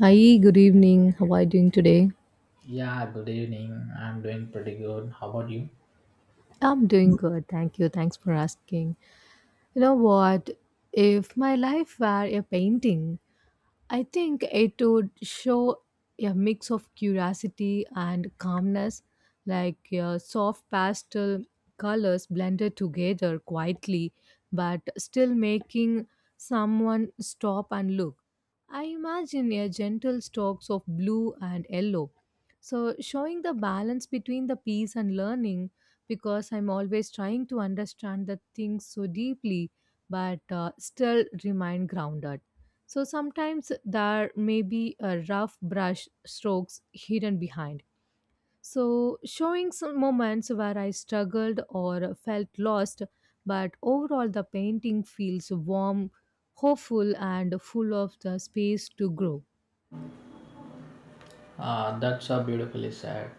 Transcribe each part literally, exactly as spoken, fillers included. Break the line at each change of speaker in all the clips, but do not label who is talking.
Hi, good evening. How are you doing today?
Yeah, good evening. I'm doing pretty good. How about you?
I'm doing good. Thank you. Thanks for asking. You know what? If my life were a painting, I think it would show a mix of curiosity and calmness, like uh, soft pastel colors blended together quietly, but still making someone stop and look. I imagine a gentle strokes of blue and yellow. So, showing the balance between the peace and learning, because I'm always trying to understand the things so deeply, but uh, still remain grounded. So sometimes there may be a rough brush strokes hidden behind, so showing some moments where I struggled or felt lost, but overall the painting feels warm, hopeful, and full of the space to grow.
Uh, that's so beautifully said.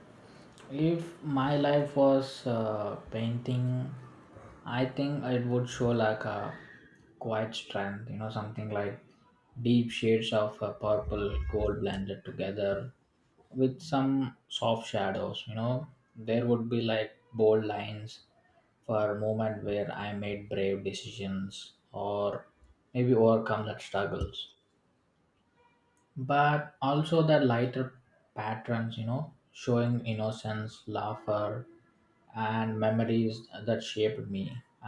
If my life was uh, painting, I think it would show like a quiet strength, you know, something like deep shades of uh, purple, gold blended together with some soft shadows, you know. There would be like bold lines for a moment where I made brave decisions or maybe overcome that struggles, but also the lighter patterns, you know, showing innocence, laughter, and memories that shaped me.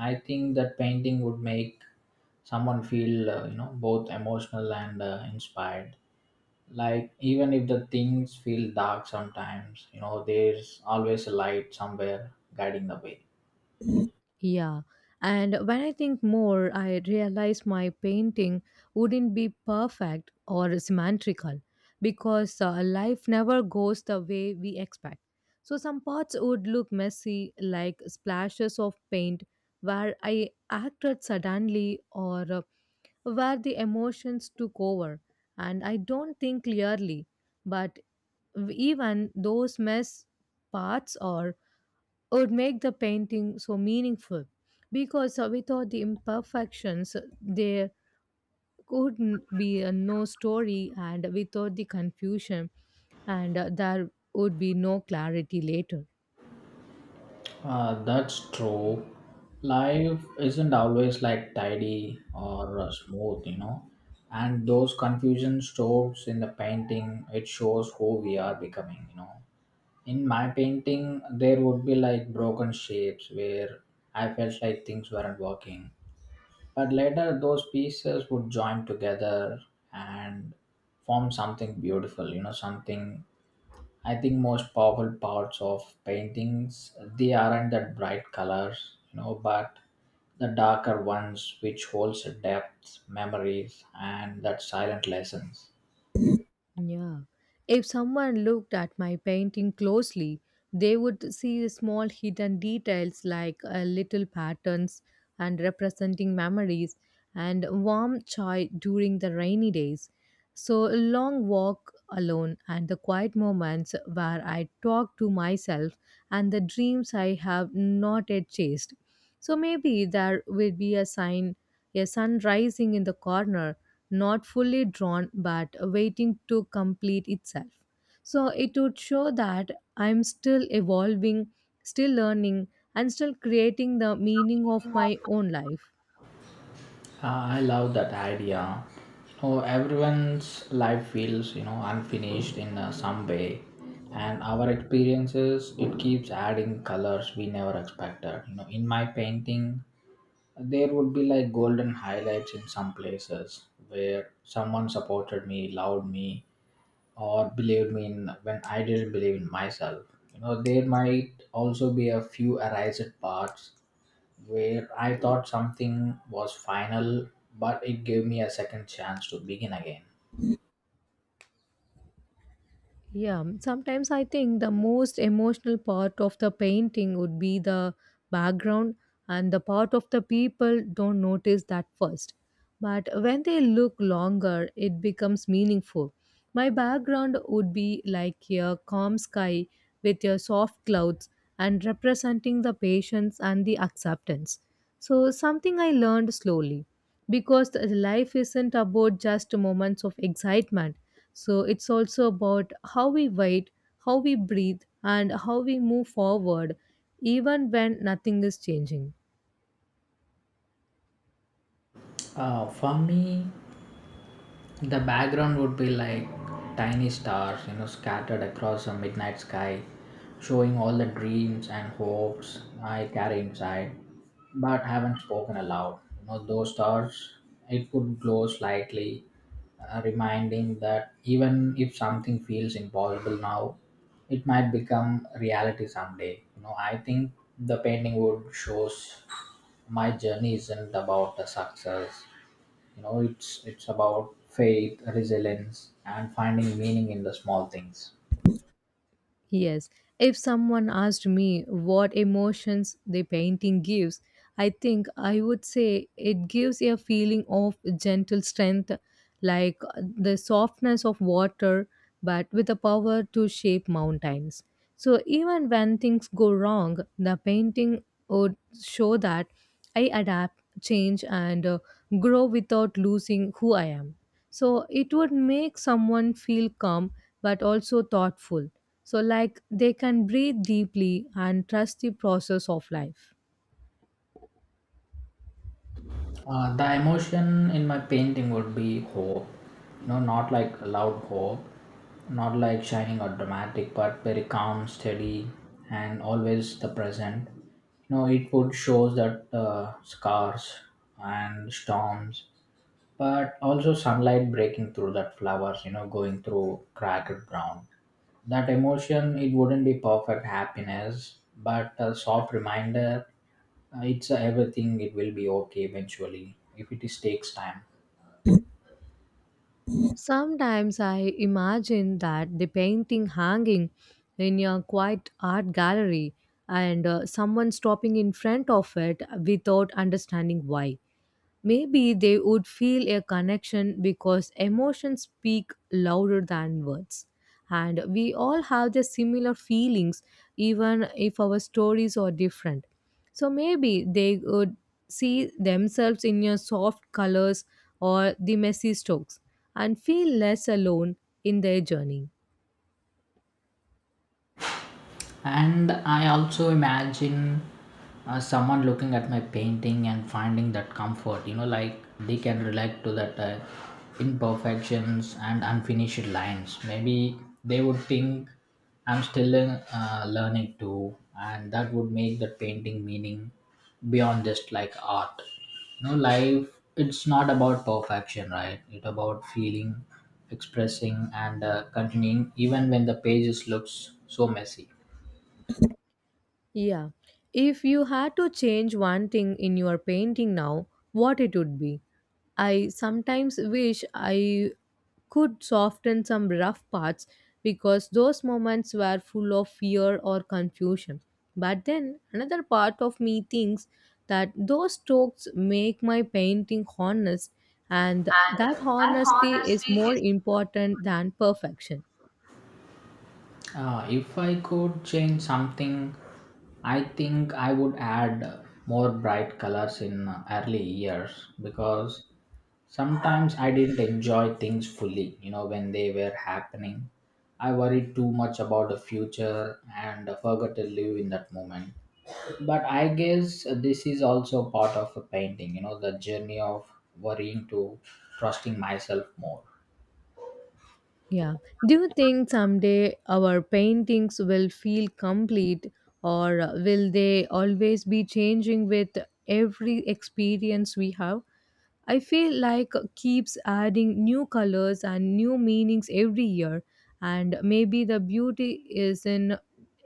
I think that painting would make someone feel uh, you know, both emotional and uh, inspired, like even if the things feel dark sometimes, you know, there's always a light somewhere guiding the way.
Yeah, and when I think more, I realize my painting wouldn't be perfect or symmetrical because uh, life never goes the way we expect. So some parts would look messy, like splashes of paint where I acted suddenly or uh, where the emotions took over and I don't think clearly. But even those mess parts are would make the painting so meaningful, because uh, without the imperfections there could n- be a no story, and without the confusion and uh, there would be no clarity later.
Uh, that's true. Life isn't always like tidy or uh, smooth, you know. And those confusion strokes in the painting, it shows who we are becoming, you know. In my painting, there would be like broken shapes where I felt like things weren't working. But later, those pieces would join together and form something beautiful, you know, something. I think most powerful parts of paintings, they aren't that bright colors, you know, but the darker ones, which holds a depth, memories, and that silent lessons.
Yeah. If someone looked at my painting closely, they would see small hidden details like uh, little patterns and representing memories and warm chai during the rainy days. So, a long walk alone and the quiet moments where I talk to myself and the dreams I have not yet chased. So maybe there will be a sign, a sun rising in the corner, not fully drawn but waiting to complete itself. So it would show that I'm still evolving, still learning, and still creating the meaning of my own life.
Uh, I love that idea. You know, everyone's life feels, you know, unfinished in uh, some way, and our experiences, it keeps adding colors we never expected. You know, in my painting, there would be like golden highlights in some places where someone supported me, loved me, or believed me in when I didn't believe in myself. You know, there might also be a few erased parts where I thought something was final, but it gave me a second chance to begin again.
Yeah, um, sometimes I think the most emotional part of the painting would be the background and the part of the people don't notice that first. But when they look longer, it becomes meaningful. My background would be like a calm sky with your soft clouds and representing the patience and the acceptance. So, something I learned slowly, because the life isn't about just moments of excitement. So it's also about how we wait, how we breathe, and how we move forward, even when nothing is changing.
Uh, for me, the background would be like tiny stars, you know, scattered across a midnight sky, showing all the dreams and hopes I carry inside, but haven't spoken aloud. You know, those stars, it could glow slightly, uh, reminding that even if something feels impossible now, it might become reality someday. You know, I think the painting would shows my journey isn't about the success. You know, it's it's about faith, resilience, and finding meaning in the small things.
Yes, if someone asked me what emotions the painting gives, I think I would say it gives a feeling of gentle strength, like uh, the softness of water, but with the power to shape mountains. So, even when things go wrong, the painting would show that I adapt, change, and uh, grow without losing who I am. So, it would make someone feel calm but also thoughtful, so, like, they can breathe deeply and trust the process of life.
Uh, the emotion in my painting would be hope. You know, not like a loud hope, not like shining or dramatic, but very calm, steady, and always the present. You know, it would shows that uh, scars and storms, but also sunlight breaking through that flowers. You know, going through cracked ground, that emotion, it wouldn't be perfect happiness, but a soft reminder, uh, it's, uh, everything, it will be okay eventually if it is takes time.
Sometimes I imagine that the painting hanging in a quiet art gallery and uh, someone stopping in front of it without understanding why. Maybe they would feel a connection because emotions speak louder than words. And we all have the similar feelings, even if our stories are different. So maybe they would see themselves in your soft colors or the messy strokes and feel less alone in their journey.
And I also imagine uh, someone looking at my painting and finding that comfort, you know, like they can relate to that uh, imperfections and unfinished lines. Maybe they would think I'm still uh, learning too, and that would make the painting meaning beyond just like art. You know, life, it's not about perfection, right? It's about feeling, expressing, and uh, continuing even when the pages looks so messy.
Yeah. If you had to change one thing in your painting now, what it would be? I sometimes wish I could soften some rough parts, because those moments were full of fear or confusion. But then another part of me thinks that those strokes make my painting honest, and that
And that
honesty is
honestly
more
is.
important than perfection.
Uh, if I could change something, I think I would add more bright colors in early years because sometimes I didn't enjoy things fully, you know, when they were happening. I worried too much about the future and forgot to live in that moment. But I guess this is also part of a painting, you know, the journey of worrying to trusting myself more.
Yeah. Do you think someday our paintings will feel complete, or uh, will they always be changing with every experience we have? I feel like uh, keeps adding new colors and new meanings every year, and maybe the beauty is in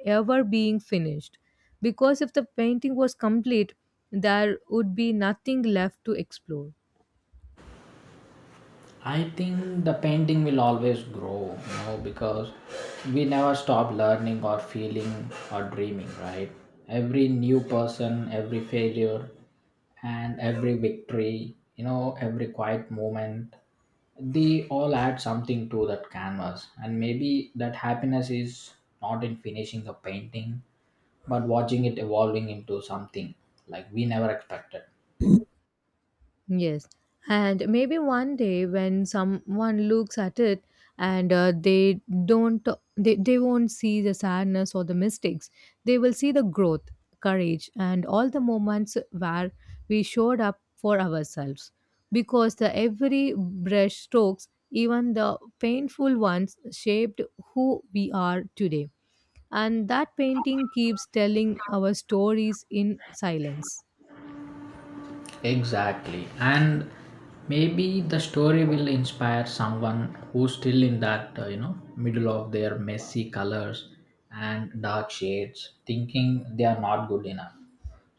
ever being finished, because if the painting was complete there would be nothing left to explore.
I think the painting will always grow, you know, because we never stop learning or feeling or dreaming, right? Every new person, every failure, and every victory, you know, every quiet moment, they all add something to that canvas. And maybe that happiness is not in finishing the painting, but watching it evolving into something like we never expected.
Yes. And maybe one day when someone looks at it and uh, they don't they, they won't see the sadness or the mistakes. They will see the growth, courage, and all the moments where we showed up for ourselves. Because the every brush strokes, even the painful ones shaped who we are today. And that painting keeps telling our stories in silence.
Exactly. And maybe the story will inspire someone who's still in that, uh, you know, middle of their messy colors and dark shades, thinking they are not good enough.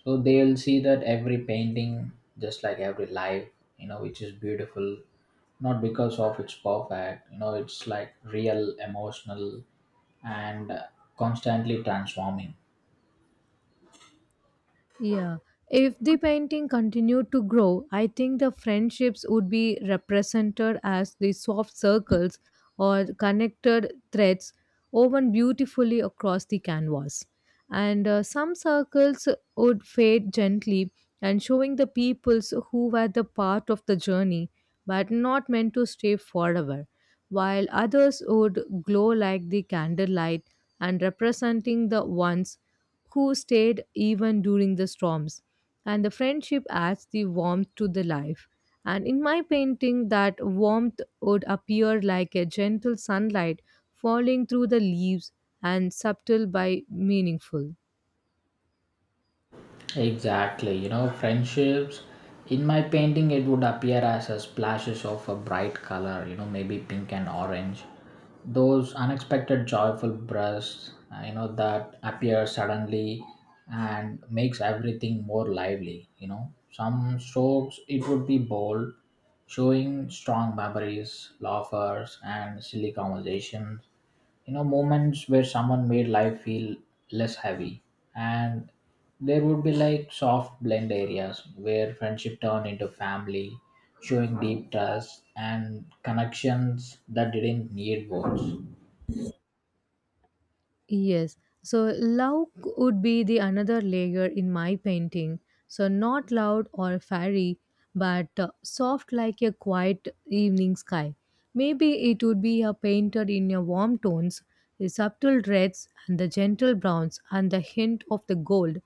So they'll see that every painting, just like every life, you know, which is beautiful, not because of its perfect, you know, it's like real, emotional, and uh, constantly transforming.
Yeah. If the painting continued to grow, I think the friendships would be represented as the soft circles or connected threads woven beautifully across the canvas. And uh, some circles would fade gently and showing the peoples who were the part of the journey but not meant to stay forever, while others would glow like the candlelight and representing the ones who stayed even during the storms. And the friendship adds the warmth to the life. And in my painting, that warmth would appear like a gentle sunlight falling through the leaves and subtle by meaningful.
Exactly, you know, friendships. In my painting, it would appear as a splashes of a bright color, you know, maybe pink and orange. Those unexpected joyful bursts, uh, you know, that appear suddenly and makes everything more lively, you know. Some strokes, it would be bold, showing strong memories, laughers, and silly conversations. You know, moments where someone made life feel less heavy. And there would be like soft blend areas where friendship turned into family, showing deep trust and connections that didn't need words.
Yes. So love would be the another layer in my painting. So not loud or fairy, but uh, soft like a quiet evening sky. Maybe it would be a painted in your warm tones, the subtle reds and the gentle browns and the hint of the gold,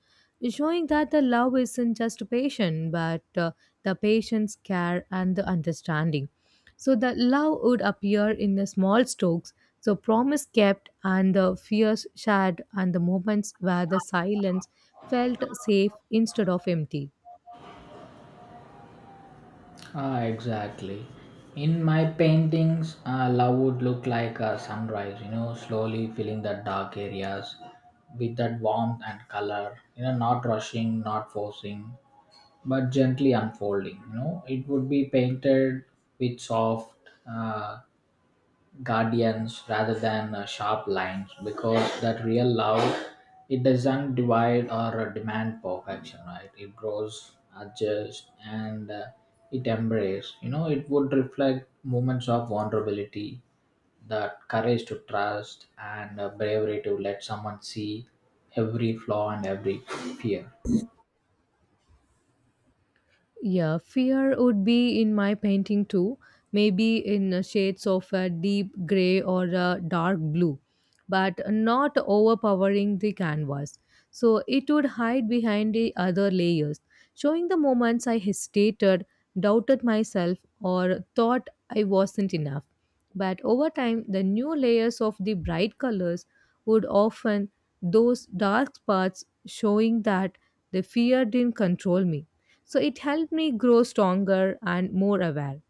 showing that the love isn't just passion but uh, the patience, care, and the understanding. So the love would appear in the small strokes, so promise kept and the fears shared and the moments where the silence felt safe instead of empty.
Ah, exactly. In my paintings, uh, love would look like a sunrise, you know, slowly filling the dark areas with that warmth and color. You know, not rushing, not forcing, but gently unfolding. You know, it would be painted with soft uh, guardians rather than uh, sharp lines, because that real love, it doesn't divide or uh, demand perfection, right? It grows, adjusts, and uh, it embraces. You know, it would reflect moments of vulnerability, that courage to trust, and uh, bravery to let someone see every flaw and every fear.
Yeah, fear would be in my painting too, maybe in uh, shades of a deep gray or a dark blue, but not overpowering the canvas. So it would hide behind the other layers, showing the moments I hesitated, doubted myself, or thought I wasn't enough. But over time, the new layers of the bright colors would often those dark spots, showing that the fear didn't control me, so it helped me grow stronger and more aware.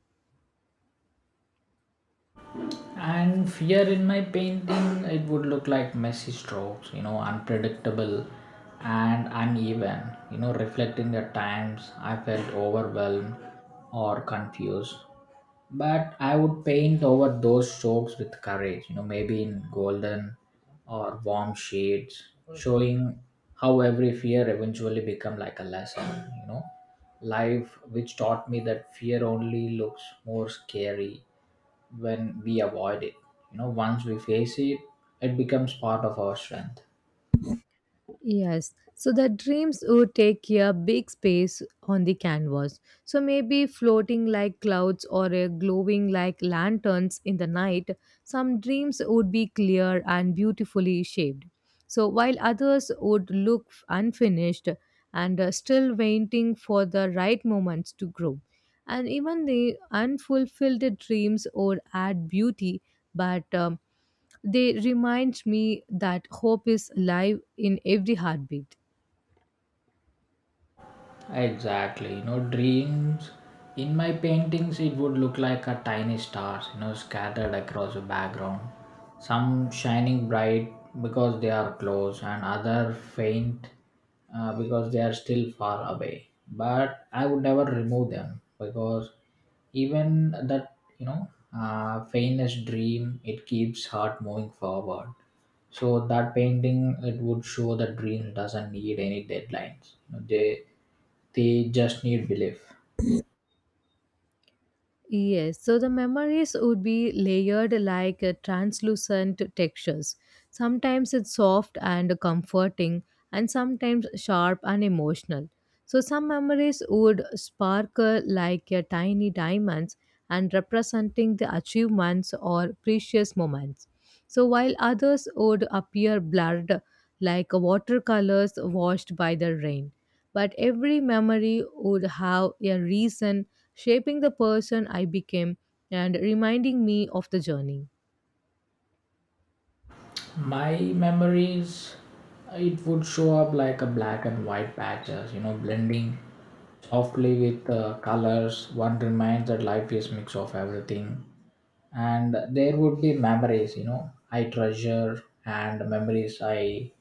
And fear in my painting, it would look like messy strokes, you know, unpredictable and uneven, you know, reflecting the times I felt overwhelmed or confused. But I would paint over those strokes with courage, you know, maybe in golden or warm shades, showing how every fear eventually become like a lesson, you know, life which taught me that fear only looks more scary when we avoid it. You know, once we face it, it becomes part of our strength.
Yes, so the dreams would take a big space on the canvas. So maybe floating like clouds or uh, glowing like lanterns in the night, some dreams would be clear and beautifully shaped. So while others would look unfinished and uh, still waiting for the right moments to grow. And even the unfulfilled dreams would add beauty, but um, they remind me that hope is alive in every heartbeat.
Exactly. You know, dreams. In my paintings, it would look like a tiny stars, you know, scattered across the background. Some shining bright because they are close, and other faint uh, because they are still far away. But I would never remove them, because even that, you know, uh, faintest dream, it keeps heart moving forward. So that painting, it would show that dreams doesn't need any deadlines. You know, they they just need belief.
Yes, so the memories would be layered like uh, translucent textures. Sometimes it's soft and comforting, and sometimes sharp and emotional. So some memories would sparkle like uh, tiny diamonds and representing the achievements or precious moments. So while others would appear blurred like watercolors washed by the rain. But every memory would have a reason, shaping the person I became and reminding me of the journey.
My memories, it would show up like a black and white patches, you know, blending softly with uh, colors. One reminds that life is mix of everything, and there would be memories, you know, I treasure, and memories I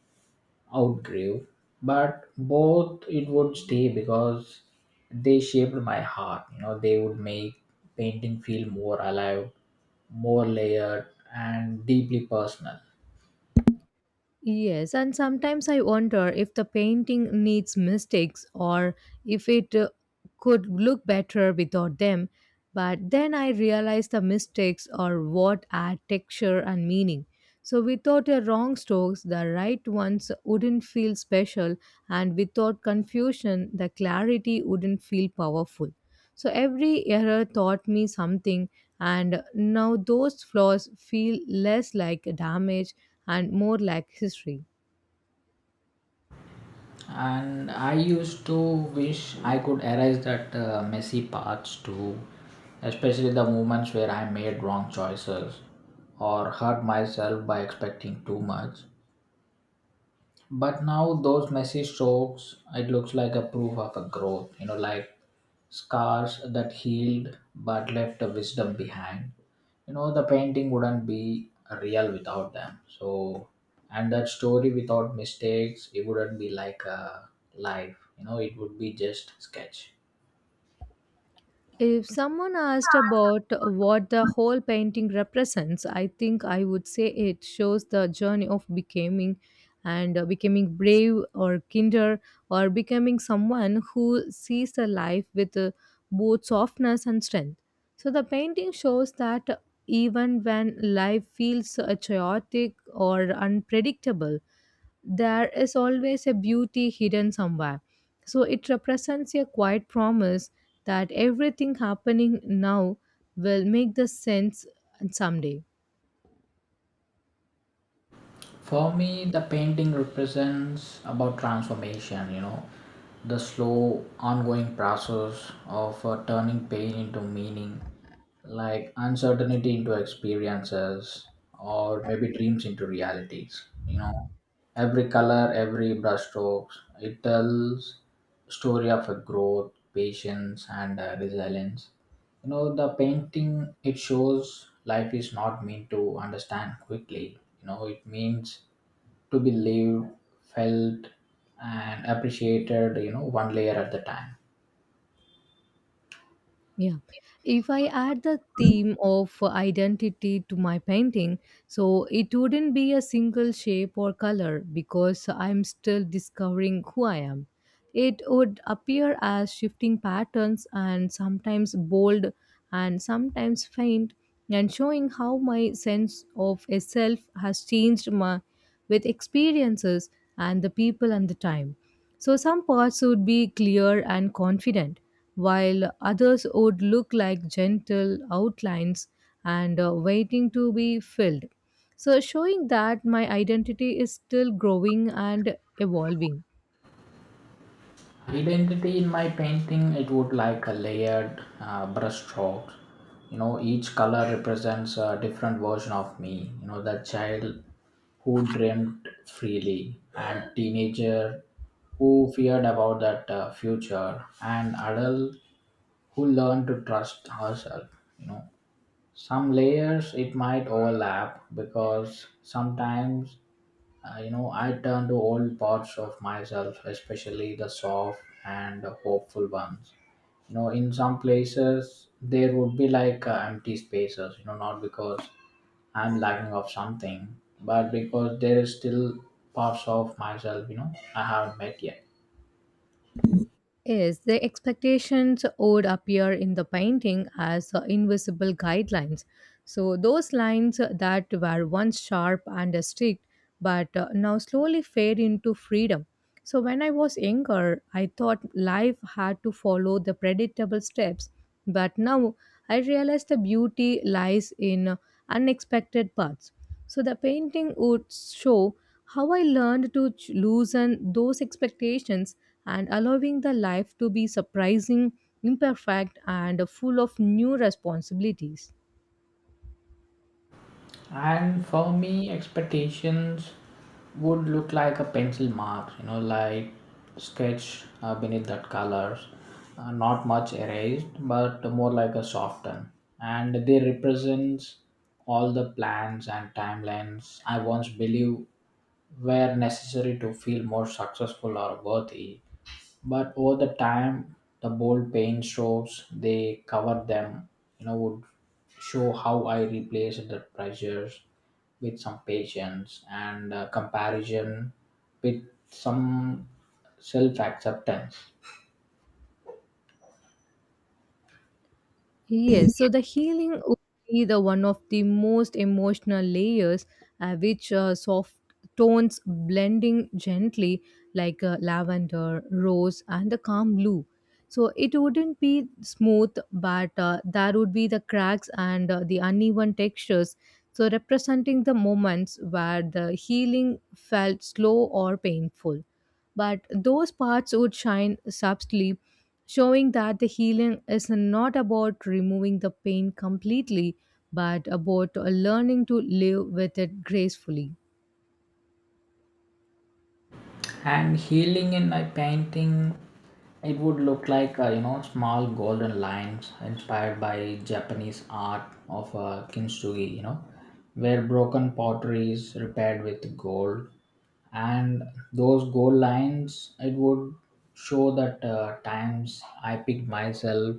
outgrew, but both it would stay because they shaped my heart. You know, they would make painting feel more alive, more layered, and deeply personal.
Yes, and sometimes I wonder if the painting needs mistakes or if it uh, could look better without them. But then I realize the mistakes are what add texture and meaning. So without a wrong strokes, the right ones wouldn't feel special, and without confusion, the clarity wouldn't feel powerful. So every error taught me something, and now those flaws feel less like damage and more like history.
And I used to wish I could erase that uh, messy parts too, especially the moments where I made wrong choices or hurt myself by expecting too much. But now those messy strokes, it looks like a proof of a growth, you know, like scars that healed but left a wisdom behind. You know, the painting wouldn't be real without them. So, and that story without mistakes, it wouldn't be like a life. You know, it would be just sketch.
If someone asked about what the whole painting represents, I think I would say it shows the journey of becoming and uh, becoming brave or kinder or becoming someone who sees the life with uh, both softness and strength. So the painting shows that even when life feels uh, chaotic or unpredictable, there is always a beauty hidden somewhere. So it represents a quiet promise that everything happening now will make the sense someday.
For me, the painting represents about transformation, you know, the slow, ongoing process of uh, turning pain into meaning, like uncertainty into experiences, or maybe dreams into realities. You know, every color, every brushstrokes, it tells story of a growth, patience, and uh, resilience. You know, the painting it shows life is not meant to understand quickly. You know, it means to be lived, felt, and appreciated, you know, one layer at the time.
Yeah. If I add the theme of identity to my painting, so it wouldn't be a single shape or color because I'm still discovering who I am. It would appear as shifting patterns and sometimes bold and sometimes faint and showing how my sense of a self has changed my, with experiences and the people and the time. So some parts would be clear and confident while others would look like gentle outlines and uh, waiting to be filled. So, showing that my identity is still growing and evolving.
Identity in my painting, it would like a layered uh, brush strokes. You know, each color represents a different version of me. You know, the child who dreamt freely, and teenager who feared about that uh, future, and adult who learned to trust herself. You know, some layers it might overlap because sometimes Uh, you know, I turn to old parts of myself, especially the soft and hopeful ones. You know, in some places there would be like uh, empty spaces. You know, not because I'm lacking of something, but because there is still parts of myself. You know, I haven't met yet.
Yes, the expectations would appear in the painting as uh, invisible guidelines. So, those lines that were once sharp and strict but uh, now slowly fade into freedom. So, when I was younger, I thought life had to follow the predictable steps, but now I realized the beauty lies in unexpected parts. So the painting would show how I learned to ch- loosen those expectations and allowing the life to be surprising, imperfect, and full of new responsibilities.
And for me, expectations would look like a pencil mark, you know, like sketch uh, beneath that colors, uh, not much erased, but more like a soften. And they represents all the plans and timelines I once believed were necessary to feel more successful or worthy, but over the time the bold paint strokes they covered them, you know, would show how I replaced the pressures with some patience, and uh, comparison with some self-acceptance.
Yes, so the healing would be the one of the most emotional layers, uh, which uh, soft tones blending gently like uh, lavender, rose, and the calm blue. So it wouldn't be smooth, but uh, there would be the cracks and uh, the uneven textures. So representing the moments where the healing felt slow or painful, but those parts would shine subtly, showing that the healing is not about removing the pain completely, but about learning to live with it gracefully.
And healing in my painting, it would look like, uh, you know, small golden lines inspired by Japanese art of uh, kintsugi, you know, where broken pottery is repaired with gold. And those goal lines, it would show that uh, times I picked myself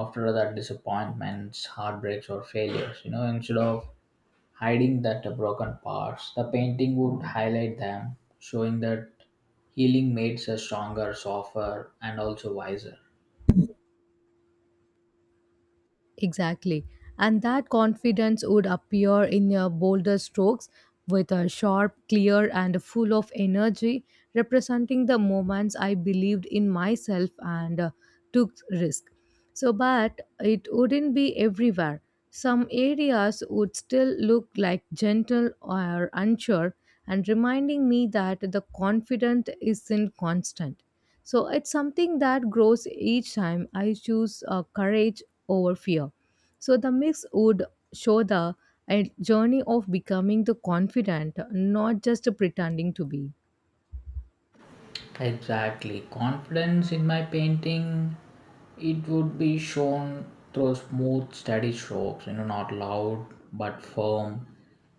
after that disappointments, heartbreaks, or failures. You know, instead of hiding that uh, broken parts, the painting would highlight them, showing that healing makes us stronger, softer, and also wiser.
Exactly. And that confidence would appear in your bolder strokes with a sharp, clear, and full of energy, representing the moments I believed in myself and uh, took risk. So, but it wouldn't be everywhere. Some areas would still look like gentle or unsure, and reminding me that the confidence isn't constant. So it's something that grows each time I choose uh, courage over fear. So the mix would show the a journey of becoming the confident, not just pretending to be.
Exactly. Confidence in my painting, it would be shown through smooth, steady strokes, you know, not loud but firm.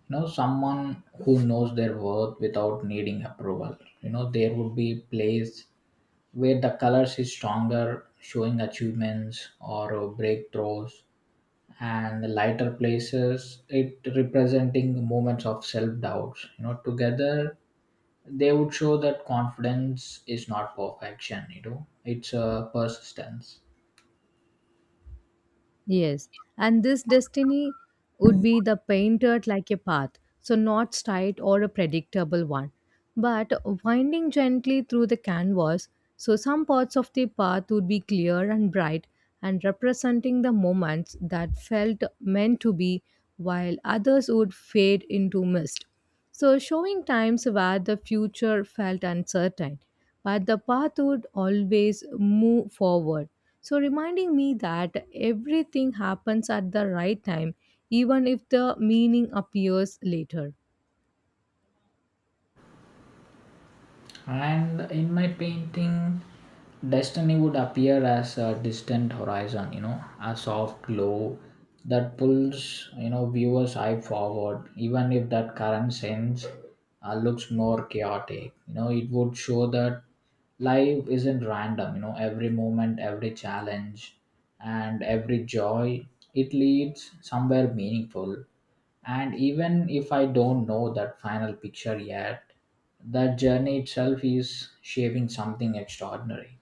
You know, someone who knows their worth without needing approval. You know, there would be place where the colors is stronger, showing achievements or uh, breakthroughs, and the lighter places, it representing moments of self doubts. You know, together they would show that confidence is not perfection, you know, it's a persistence.
Yes, and this destiny would be the painted like a path, so not straight or a predictable one, but winding gently through the canvas. So some parts of the path would be clear and bright and representing the moments that felt meant to be, while others would fade into mist. So, showing times where the future felt uncertain, but the path would always move forward. So, reminding me that everything happens at the right time, even if the meaning appears later.
And in my painting, destiny would appear as a distant horizon, you know, a soft glow that pulls, you know, viewers eye forward, even if that current sense uh, looks more chaotic. You know, it would show that life isn't random. You know, every moment, every challenge, and every joy, it leads somewhere meaningful. And even if I don't know that final picture yet, that journey itself is shaping something extraordinary.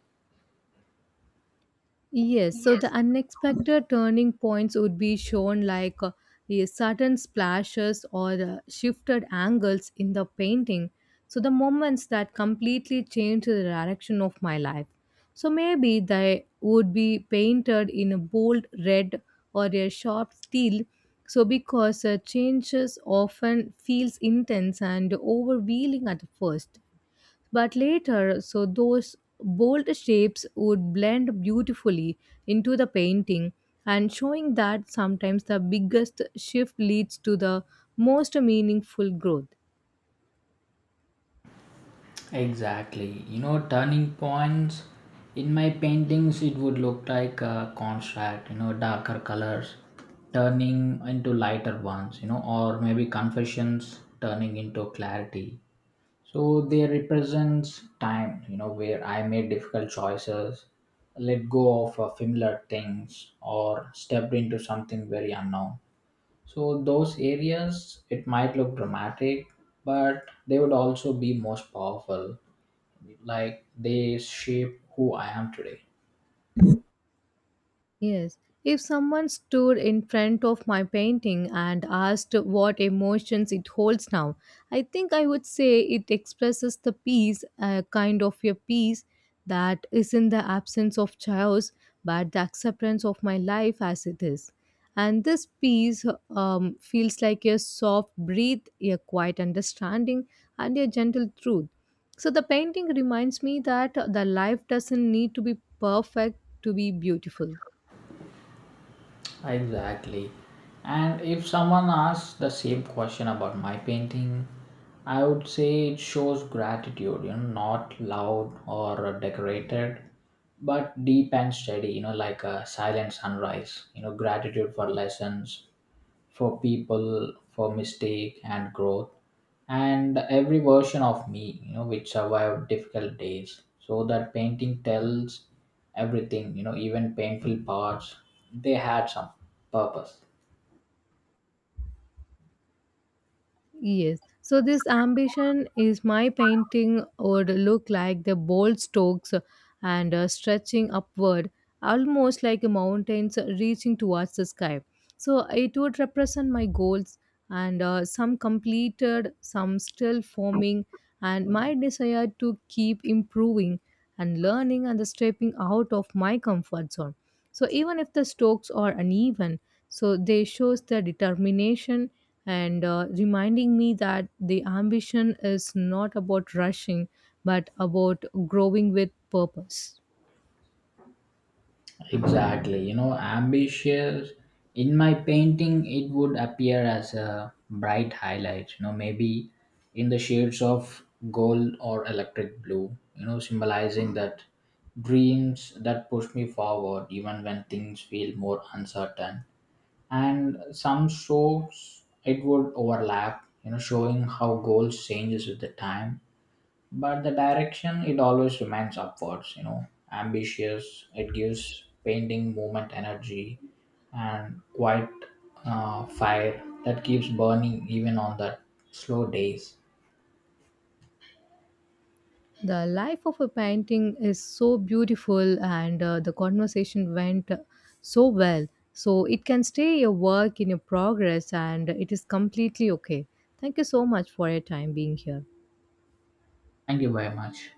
Yes, so the
Yes.
unexpected turning points would be shown like uh, the sudden splashes or the shifted angles in the painting. So the moments that completely change the direction of my life. So maybe they would be painted in a bold red or a sharp steel. So because uh, changes often feels intense and overwhelming at first. But later, so those bold shapes would blend beautifully into the painting, and showing that sometimes the biggest shift leads to the most meaningful growth.
Exactly. You know, turning points in my paintings, it would look like a contrast, you know, darker colors turning into lighter ones, you know, or maybe confessions turning into clarity. So they represents time, you know, where I made difficult choices, let go of uh, familiar things, or stepped into something very unknown. So those areas, it might look dramatic, but they would also be most powerful. Like they shape who I am today.
Yes. If someone stood in front of my painting and asked what emotions it holds now, I think I would say it expresses the peace, a kind of a peace that is in the absence of chaos, but the acceptance of my life as it is. And this peace um, feels like a soft breath, a quiet understanding, and a gentle truth. So the painting reminds me that the life doesn't need to be perfect to be beautiful.
Exactly. And if someone asks the same question about my painting, I would say it shows gratitude, you know, not loud or decorated, but deep and steady, you know, like a silent sunrise, you know, gratitude for lessons, for people, for mistake and growth, and every version of me, you know, which survived difficult days. So that painting tells everything, you know, even painful parts, they had some purpose.
Yes. So this ambition is my painting would look like the bold strokes and uh, stretching upward, almost like mountains reaching towards the sky. So it would represent my goals and uh, some completed, some still forming, and my desire to keep improving and learning and the stepping out of my comfort zone. So even if the strokes are uneven, so they shows the determination and uh, reminding me that the ambition is not about rushing but about growing with purpose.
Exactly, you know, ambitious. In my painting, it would appear as a bright highlight, you know, maybe in the shades of gold or electric blue, you know, symbolizing that dreams that push me forward even when things feel more uncertain. And some strokes, it would overlap, you know, showing how goals changes with the time, but the direction it always remains upwards. You know, ambitious, it gives painting movement, energy, and quite uh, fire that keeps burning even on the slow days.
The life of a painting is so beautiful, and uh, the conversation went so well. So it can stay your work in your progress, and it is completely okay. Thank you so much for your time being here.
Thank you very much.